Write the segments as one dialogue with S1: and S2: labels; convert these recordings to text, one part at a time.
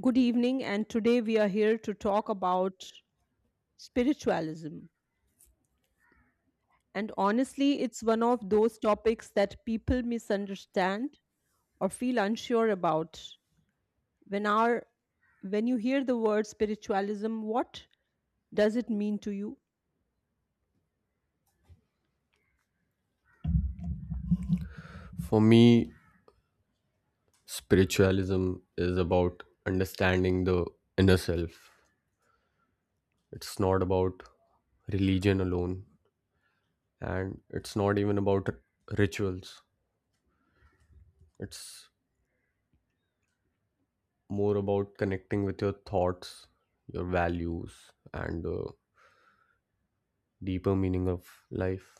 S1: Good evening, and today we are here to talk about spiritualism. And honestly, it's one of those topics that people misunderstand or feel unsure about. When our when you hear the word spiritualism, what does it mean to you?
S2: For me, spiritualism is about understanding the inner self. It's not about religion alone, and it's not even about rituals. It's more about connecting with your thoughts, your values, and the deeper meaning of life.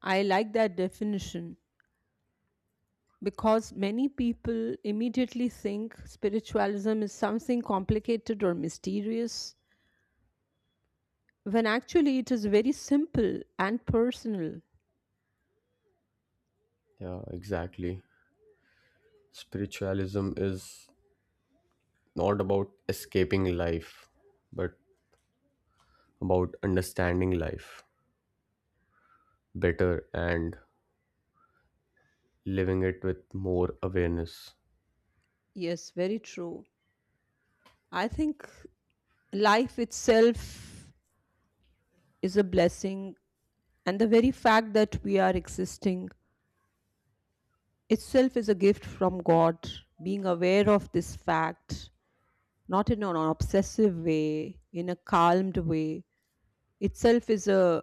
S1: I like that definition because many people immediately think spiritualism is something complicated or mysterious, when actually it is very simple and personal.
S2: Yeah, exactly. Spiritualism is not about escaping life, but about understanding life better and living it with more awareness.
S1: Yes, very true. I think life itself is a blessing, and the very fact that we are existing itself is a gift from God. Being aware of this fact, not in an obsessive way, in a calmed way, itself is a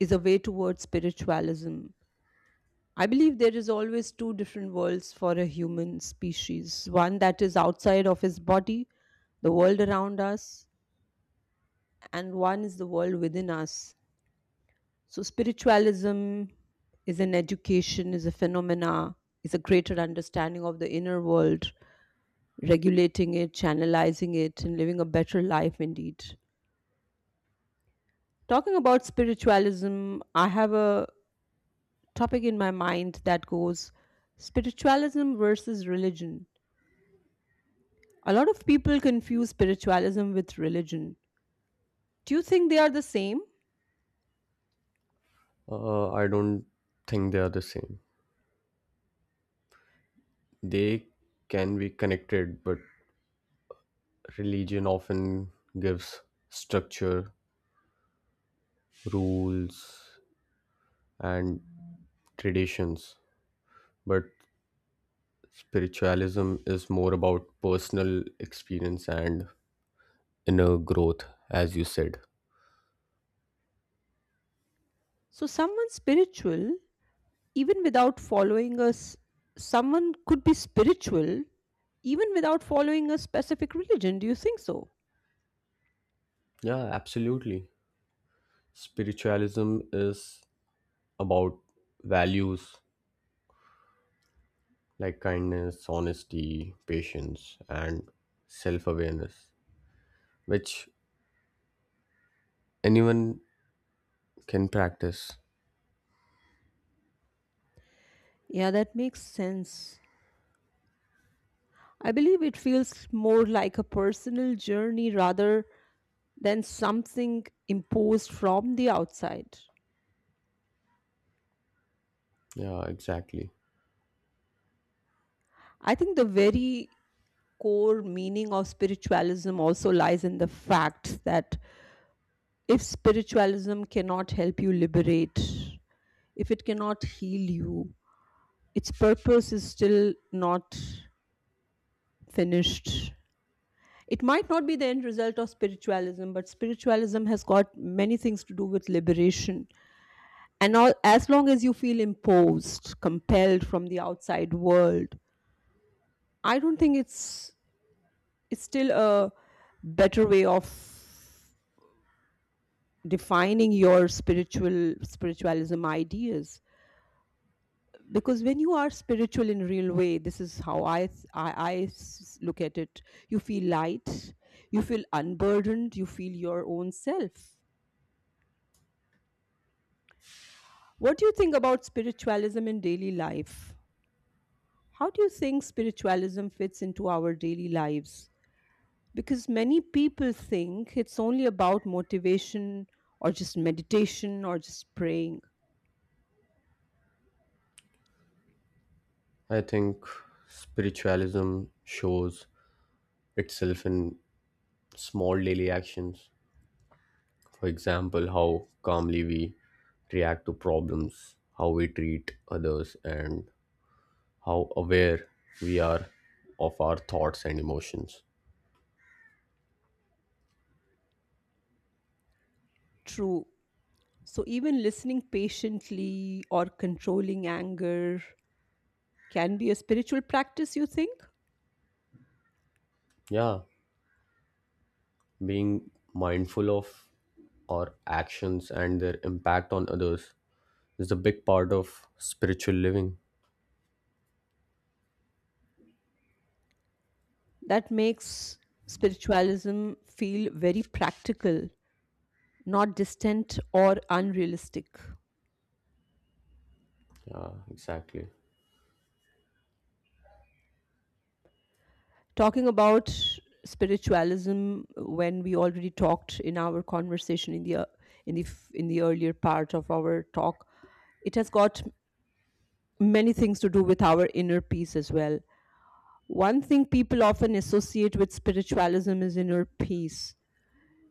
S1: is a way towards spiritualism. I believe there is always two different worlds for a human species. One that is outside of his body, the world around us, and one is the world within us. So spiritualism is an education, is a phenomena, is a greater understanding of the inner world, regulating it, channelizing it, and living a better life indeed. Talking about spiritualism, I have a topic in my mind that goes spiritualism versus religion. A lot of people confuse spiritualism with religion. Do you think they are the same?
S2: I don't think they are the same. They can be connected, but religion often gives structure, rules, and traditions. But spiritualism is more about personal experience and inner growth, as you said.
S1: So, even without following us someone could be spiritual even without following a specific religion, do you think so?
S2: Yeah, absolutely. Spiritualism is about values, like kindness, honesty, patience, and self awareness, which anyone can practice.
S1: Yeah, that makes sense. I believe it feels more like a personal journey rather than something imposed from the outside.
S2: Yeah, exactly.
S1: I think the very core meaning of spiritualism also lies in the fact that if spiritualism cannot help you liberate, if it cannot heal you, its purpose is still not finished. It might not be the end result of spiritualism, but spiritualism has got many things to do with liberation. And all, as long as you feel imposed, compelled from the outside world, I don't think it's still a better way of defining your spiritualism ideas. Because when you are spiritual in real way, this is how I s- look at it. You feel light, you feel unburdened, you feel your own self. What do you think about spiritualism in daily life? How do you think spiritualism fits into our daily lives? Because many people think it's only about motivation or just meditation or just praying.
S2: I think spiritualism shows itself in small daily actions. For example, how calmly we react to problems, how we treat others, and how aware we are of our thoughts and emotions.
S1: True. So even listening patiently or controlling anger can be a spiritual practice, you think?
S2: Yeah, being mindful of our actions and their impact on others is a big part of spiritual living.
S1: That makes spiritualism feel very practical, not distant or unrealistic.
S2: Yeah, exactly.
S1: Talking about spiritualism, when we already talked in our conversation in the earlier part of our talk, it has got many things to do with our inner peace as well. One thing people often associate with spiritualism is inner peace.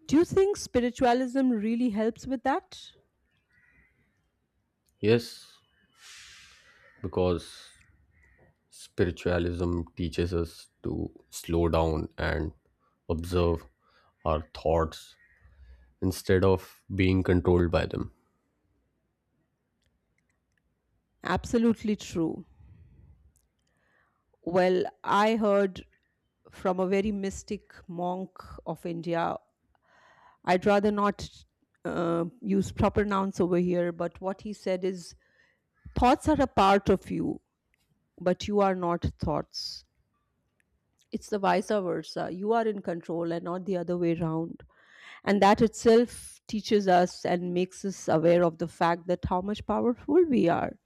S1: Do you think spiritualism really helps with that?
S2: Yes, because spiritualism teaches us to slow down and observe our thoughts instead of being controlled by them.
S1: Absolutely true. Well, I heard from a very mystic monk of India. I'd rather not use proper nouns over here, but what he said is thoughts are a part of you, but you are not thoughts. It's the vice versa. You are in control and not the other way around. And that itself teaches us and makes us aware of the fact that how much powerful we are.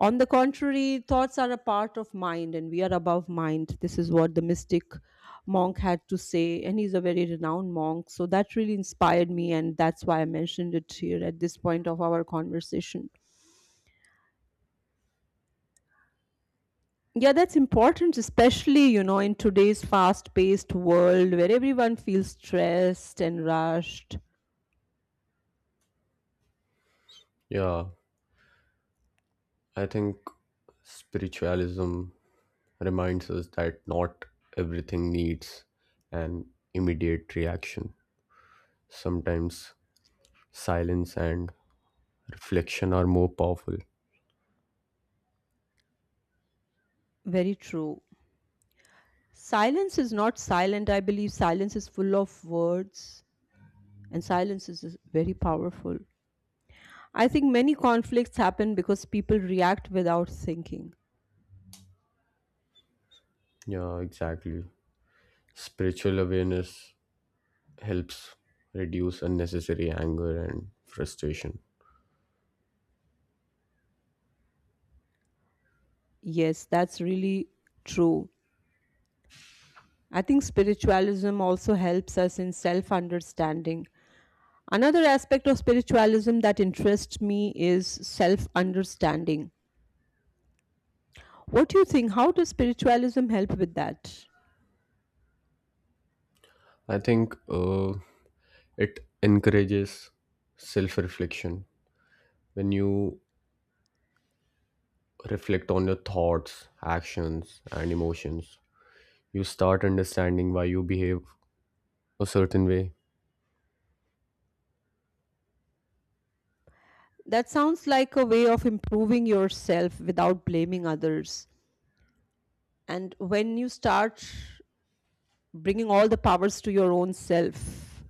S1: On the contrary, thoughts are a part of mind and we are above mind. This is what the mystic monk had to say, and he's a very renowned monk. So that really inspired me, and that's why I mentioned it here at this point of our conversation. Yeah, that's important, especially, you know, in today's fast paced world where everyone feels stressed and rushed.
S2: Yeah, I think spiritualism reminds us that not everything needs an immediate reaction. Sometimes silence and reflection are more powerful.
S1: Very true. Silence is not silent. I believe silence is full of words, and silence is very powerful. I think many conflicts happen because people react without thinking.
S2: Yeah, exactly. Spiritual awareness helps reduce unnecessary anger and frustration.
S1: Yes, that's really true. I think spiritualism also helps us in self understanding. Another aspect of spiritualism that interests me is self understanding. What do you think? How does spiritualism help with that?
S2: I think it encourages self reflection. When you reflect on your thoughts, actions, and emotions, you start understanding why you behave a certain way.
S1: That sounds like a way of improving yourself without blaming others. And when you start bringing all the powers to your own self,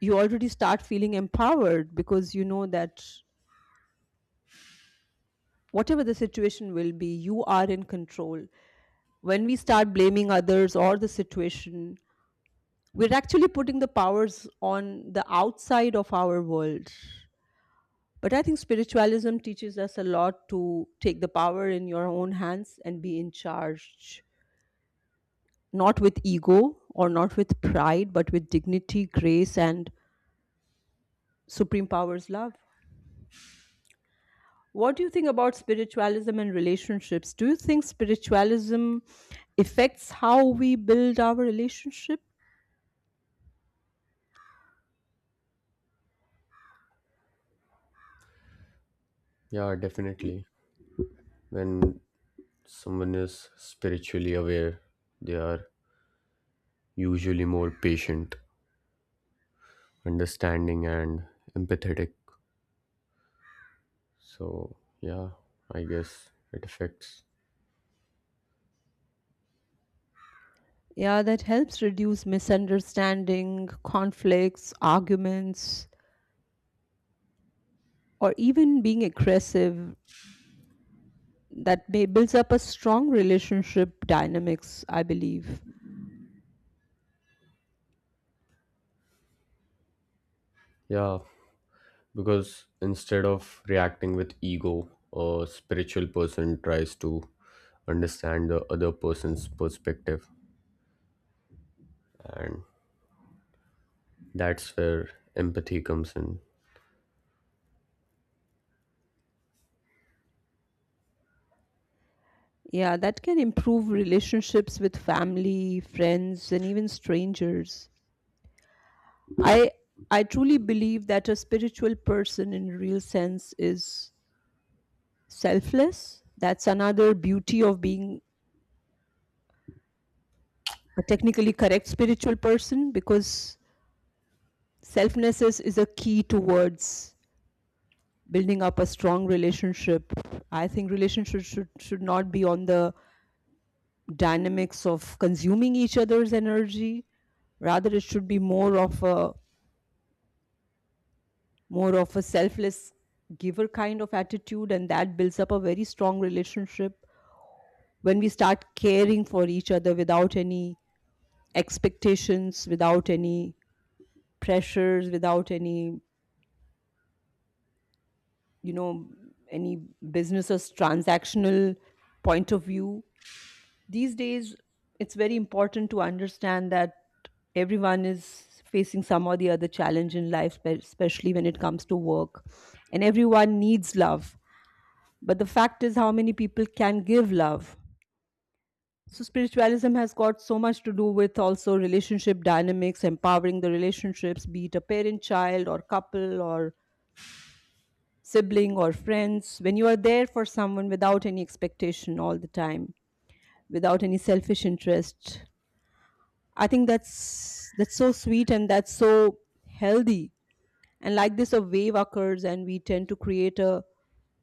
S1: you already start feeling empowered because you know that whatever the situation will be, you are in control. When we start blaming others or the situation, we're actually putting the powers on the outside of our world. But I think spiritualism teaches us a lot to take the power in your own hands and be in charge, not with ego or not with pride, but with dignity, grace, and supreme power's love. What do you think about spiritualism and relationships? Do you think spiritualism affects how we build our relationship?
S2: Yeah, definitely. When someone is spiritually aware, they are usually more patient understanding and empathetic. So, yeah, I guess it affects.
S1: Yeah, that helps reduce misunderstanding, conflicts, arguments, or even being aggressive. That may builds up a strong relationship dynamics, I believe.
S2: Yeah, because instead of reacting with ego, a spiritual person tries to understand the other person's perspective, and that's where empathy comes in.
S1: Yeah, that can improve relationships with family, friends, and even strangers. I I truly believe that a spiritual person in real sense is selfless. That's another beauty of being a technically correct spiritual person, because selflessness is a key towards building up a strong relationship. I think relationships should not be on the dynamics of consuming each other's energy, rather it should be more of a selfless giver kind of attitude, and that builds up a very strong relationship when we start caring for each other without any expectations, without any pressures, without any, you know, any business or transactional point of view. These days it's very important to understand that everyone is facing some or the other challenge in life, especially when it comes to work, and everyone needs love, but the fact is how many people can give love. So spiritualism has got so much to do with also relationship dynamics, empowering the relationships, be it a parent child or couple or sibling or friends. When you are there for someone without any expectation all the time, without any selfish interest, I think that's so sweet and that's so healthy. And like this a wave occurs and we tend to create a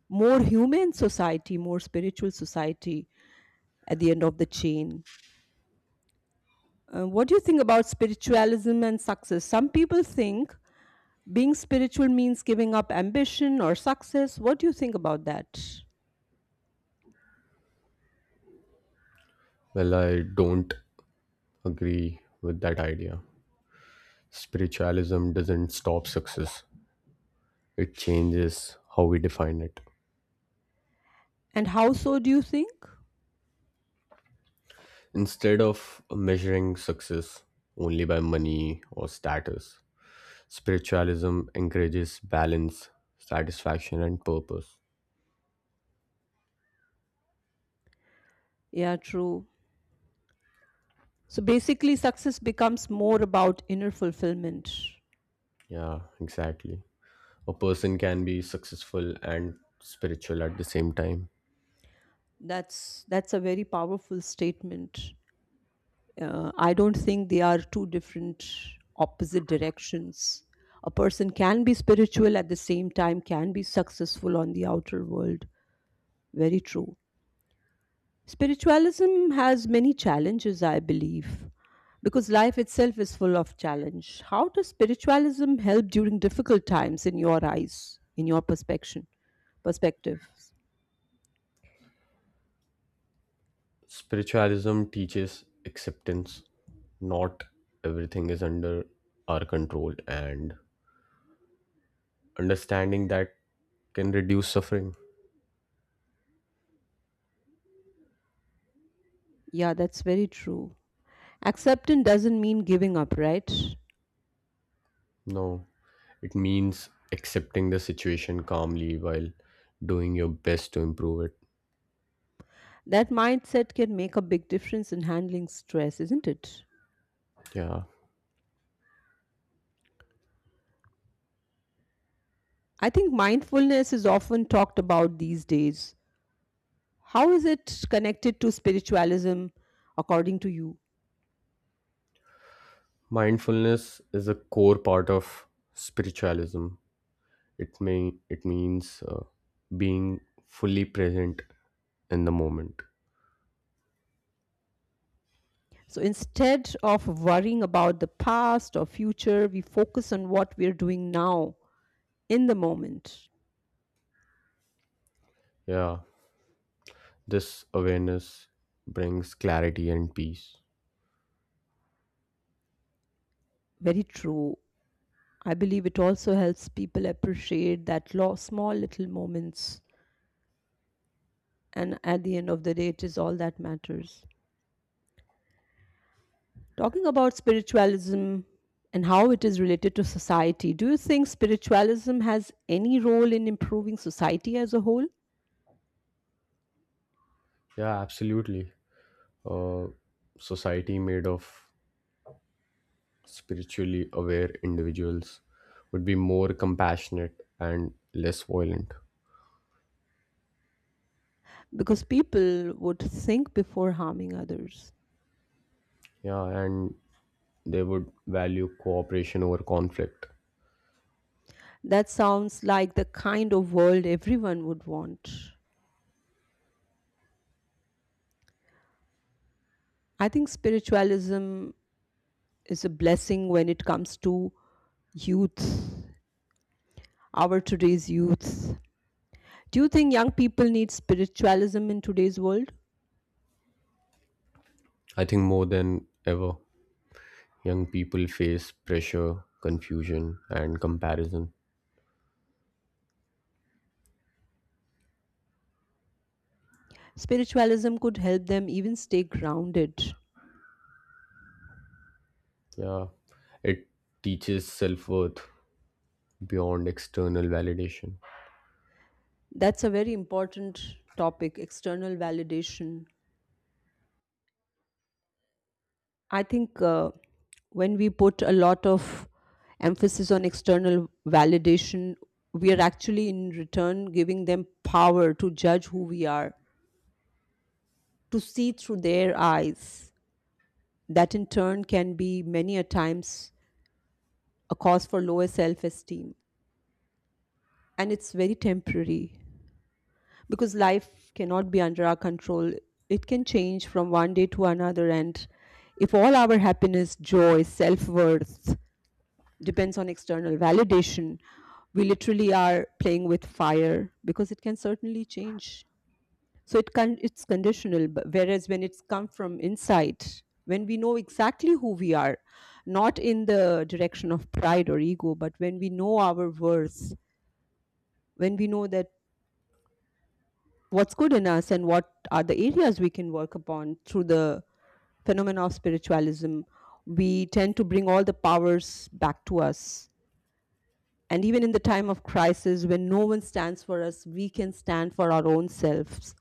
S1: more human society, more spiritual society at the end of the chain. What do you think about spiritualism and success? Some people think being spiritual means giving up ambition or success. What do you think about that
S2: Well, I don't agree with that idea. Spiritualism doesn't stop success, it changes how we define it.
S1: and how so, do you think?
S2: Instead of measuring success only by money or status, spiritualism encourages balance, satisfaction, and purpose.
S1: Yeah, true. So basically success becomes more about inner fulfillment.
S2: Yeah, exactly. A person can be successful and spiritual at the same time.
S1: That's a very powerful statement. I don't think they are two different opposite directions. A person can be spiritual at the same time can be successful on the outer world. Very true. Spiritualism has many challenges, I believe, because life itself is full of challenge. How does spiritualism help during difficult times in your eyes, in your perspective? Perspectives.
S2: Spiritualism teaches acceptance. Not everything is under our control, and understanding that can reduce suffering.
S1: Yeah, that's very true. Acceptance doesn't mean giving up, right?
S2: No. It means accepting the situation calmly while doing your best to improve it.
S1: That mindset can make a big difference in handling stress, isn't it?
S2: Yeah.
S1: I think mindfulness is often talked about these days. How is it connected to spiritualism, according to you?
S2: Mindfulness is a core part of spiritualism. It means being fully present in the moment.
S1: So instead of worrying about the past or future, we focus on what we're doing now in the moment.
S2: Yeah. This awareness brings clarity and peace.
S1: Very true. I believe it also helps people appreciate that small little moments, and at the end of the day, it is all that matters. Talking about spiritualism and how it is related to society, do you think spiritualism has any role in improving society as a whole?
S2: Yeah, absolutely. Uh, society made of spiritually aware individuals would be more compassionate and less violent.
S1: Because people would think before harming others.
S2: Yeah, and they would value cooperation over conflict.
S1: That sounds like the kind of world everyone would want. I think spiritualism is a blessing when it comes to youth, our today's youth. Do you think young people need spiritualism in today's world?
S2: I think more than ever, young people face pressure, confusion, and comparison.
S1: Spiritualism could help them even stay grounded.
S2: Yeah, it teaches self worth beyond external validation.
S1: That's a very important topic, external validation. I think when we put a lot of emphasis on external validation, we are actually in return giving them power to judge who we are, to see through their eyes. That in turn can be many a times a cause for lower self esteem. And it's very temporary, because life cannot be under our control. It can change from one day to another. And if all our happiness, joy, self worth depends on external validation, we literally are playing with fire because it can certainly change. So it can, it's conditional. But whereas when it's come from inside, when we know exactly who we are, not in the direction of pride or ego, but when we know our worth, when we know that what's good in us and what are the areas we can work upon through the phenomena of spiritualism, we tend to bring all the powers back to us. And even in the time of crisis, when no one stands for us, we can stand for our own selves.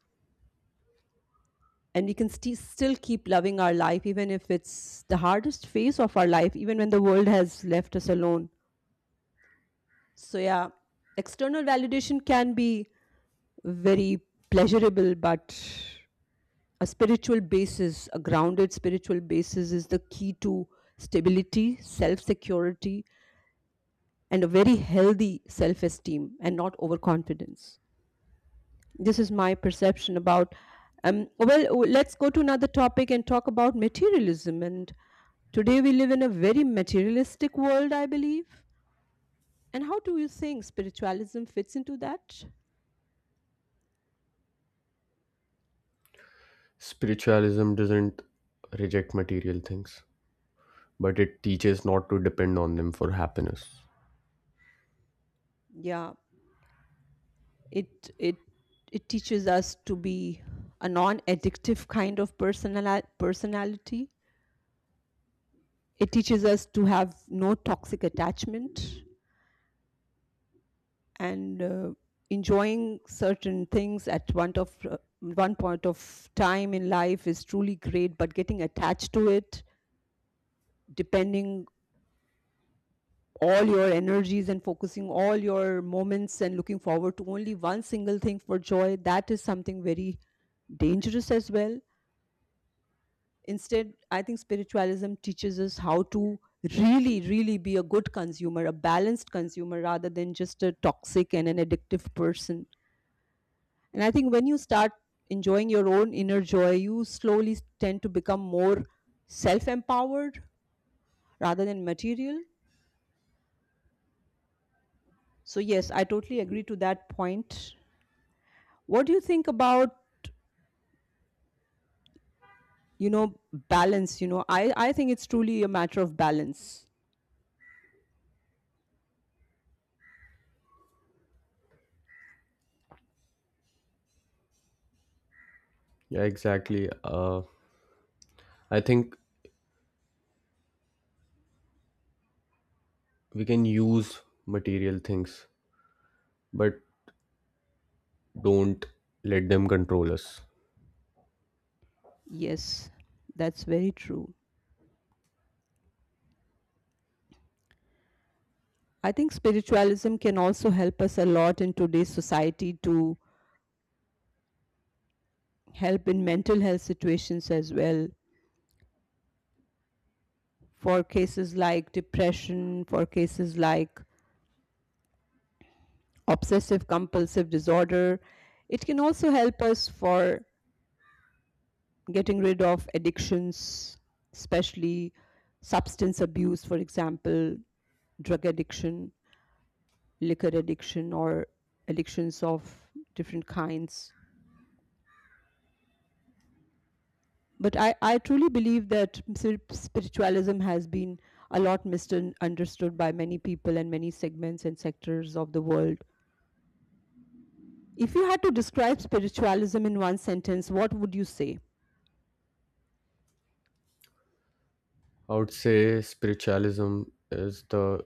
S1: And we can still keep loving our life, even if it's the hardest phase of our life, even when the world has left us alone. So, yeah, external validation can be very pleasurable, but a spiritual basis, a grounded spiritual basis is the key to stability, self security, and a very healthy self esteem and not overconfidence. This is my perception about. Let's go to another topic and talk about materialism. And today we live in a very materialistic world, I believe. And how do you think spiritualism fits into that?
S2: Spiritualism doesn't reject material things, but it teaches not to depend on them for happiness.
S1: Yeah. It it teaches us to be a non-addictive kind of personality. It teaches us to have no toxic attachment, and enjoying certain things at one point of time in life is truly great, but getting attached to it, depending all your energies and focusing all your moments and looking forward to only one single thing for joy, that is something very dangerous as well. Instead, I think spiritualism teaches us how to really, really be a good consumer, a balanced consumer, rather than just a toxic and an addictive person. And I think when you start enjoying your own inner joy, you slowly tend to become more self empowered rather than material. So, yes, I totally agree to that point. What do you think about, balance? You know, I think it's truly a matter of balance.
S2: Yeah, exactly. I think we can use material things, but don't let them control us.
S1: Yes, that's very true. I think spiritualism can also help us a lot in today's society to help in mental health situations as well. For cases like depression, for cases like obsessive compulsive disorder, it can also help us for getting rid of addictions, especially substance abuse, for example, drug addiction, liquor addiction, or addictions of different kinds. But I truly believe that spiritualism has been a lot misunderstood by many people and many segments and sectors of the world. If you had to describe spiritualism in one sentence, what would you say?
S2: I would say spiritualism is the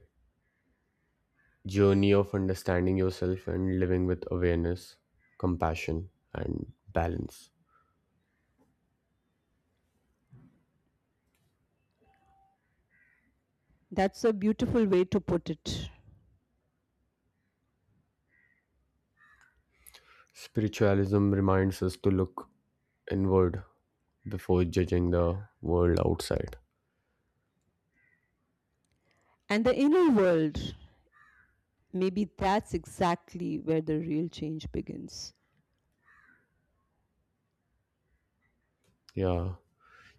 S2: journey of understanding yourself and living with awareness, compassion, and balance.
S1: That's a beautiful way to put it.
S2: Spiritualism reminds us to look inward before judging the world outside.
S1: And the inner world, maybe that's exactly where the real change begins.
S2: Yeah,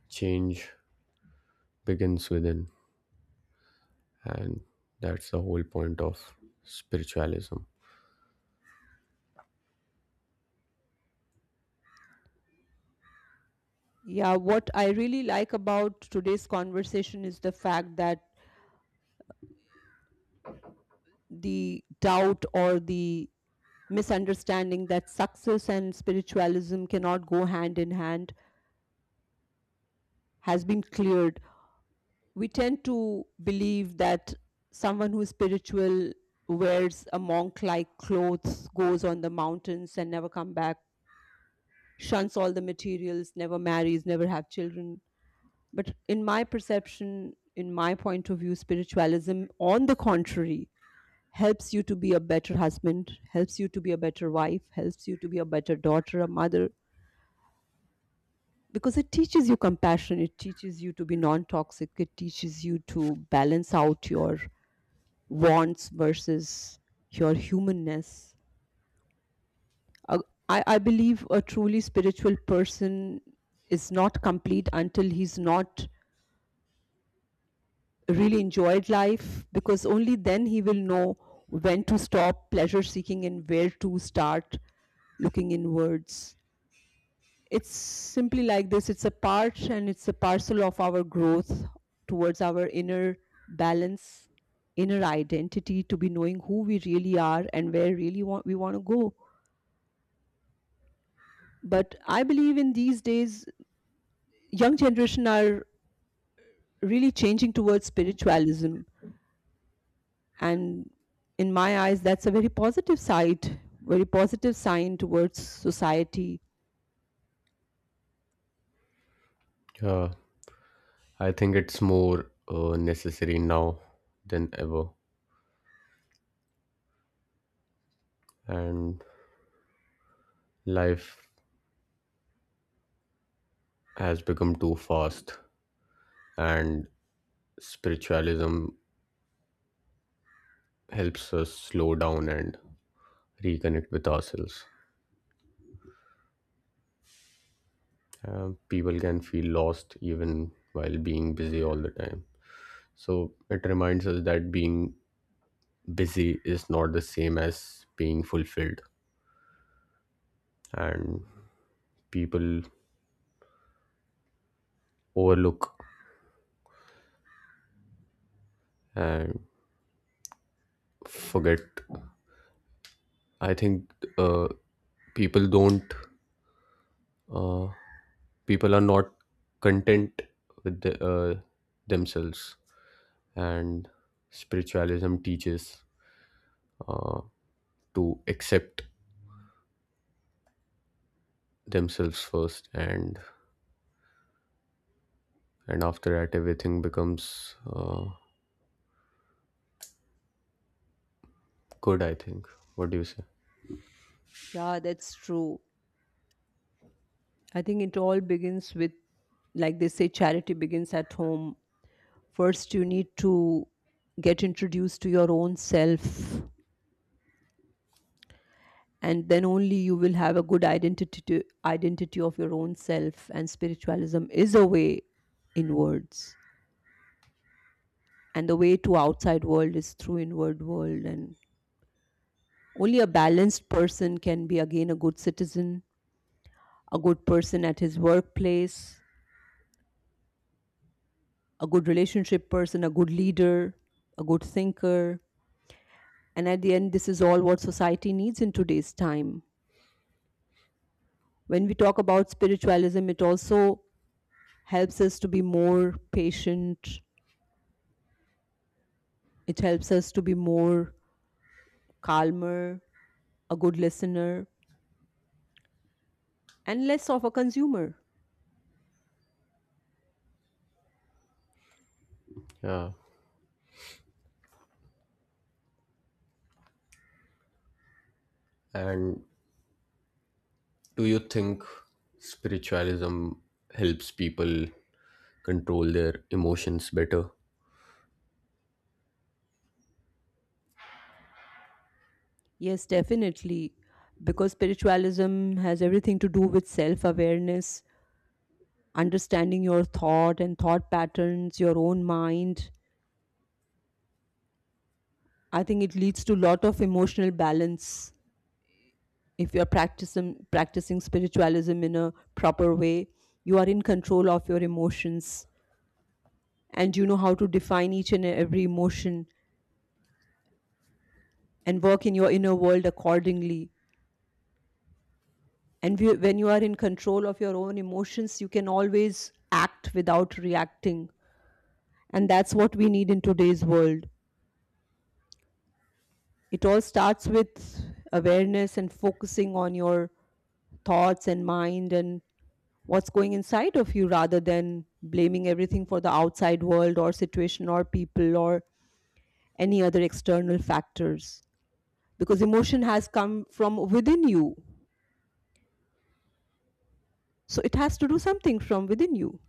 S2: change begins within, and that's the whole point of spiritualism.
S1: Yeah, what I really like about today's conversation is the fact that the doubt or the misunderstanding that success and spiritualism cannot go hand in hand has been cleared. We tend to believe that someone who is spiritual wears a monk like clothes, goes on the mountains and never come back, shuns all the materials, never marries, never have children. But in my perception, in my point of view, spiritualism, on the contrary, helps you to be a better husband, helps you to be a better wife, helps you to be a better daughter, a mother, because it teaches you compassion, it teaches you to be non-toxic, it teaches you to balance out your wants versus your humanness. Uh, I believe a truly spiritual person is not complete until he's not really enjoyed life, because only then he will know when to stop pleasure seeking and where to start looking inwards. It's simply like this, it's a part and it's a parcel of our growth towards our inner balance, inner identity, to be knowing who we really are and where really want we want to go. But I believe in these days young generation are really changing towards spiritualism, and in my eyes that's a very positive side very positive sign towards society.
S2: Yeah, I think it's more necessary now than ever, and life has become too fast, and spiritualism helps us slow down and reconnect with ourselves. People can feel lost even while being busy all the time. So it reminds us that being busy is not the same as being fulfilled, and people overlook and forget. I think uh, people don't. Uh, people are not content with themselves, and spiritualism teaches uh, to accept themselves first, and after that everything becomes good, I think. What do you say?
S1: Yeah, that's true. I think it all begins with, like they say, charity begins at home. First, you need to get introduced to your own self, and then only you will have a good identity of your own self. And spiritualism is a way inwards, and the way to outside world is through inward world. And only a balanced person can be again a good citizen, a good person at his workplace, a good relationship person, a good leader, a good thinker. And at the end, this is all what society needs in today's time. When we talk about spiritualism, it also helps us to be more patient. It helps us to be more calmer, a good listener, and less of a consumer.
S2: Yeah. And do you think spiritualism helps people control their emotions better?
S1: Yes, definitely. Because spiritualism has everything to do with self awareness, understanding your thought and thought patterns, your own mind. I think it leads to lot of emotional balance. If you're practicing spiritualism in a proper way, you are in control of your emotions, and you know how to define each and every emotion and work in your inner world accordingly. And when you are in control of your own emotions, you can always act without reacting, and that's what we need in today's world. It all starts with awareness and focusing on your thoughts and mind and what's going inside of you, rather than blaming everything for the outside world or situation or people or any other external factors. Because emotion has come from within you, so it has to do something from within you.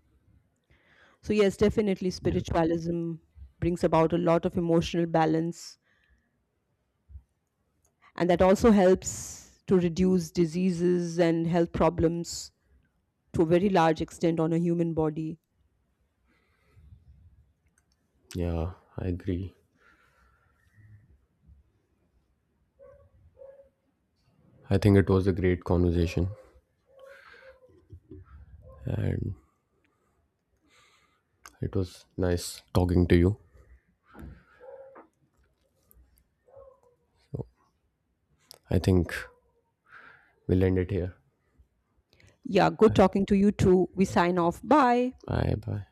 S1: So yes, definitely
S2: Yeah.
S1: spiritualism brings about a lot of emotional balance, and that also helps to reduce diseases and health problems to a very large extent on a human body.
S2: Yeah, I agree. I think it was a great conversation, and it was nice talking to you. So I think we'll end it here.
S1: Yeah, good talking to you too. We sign off. Bye.
S2: Bye bye.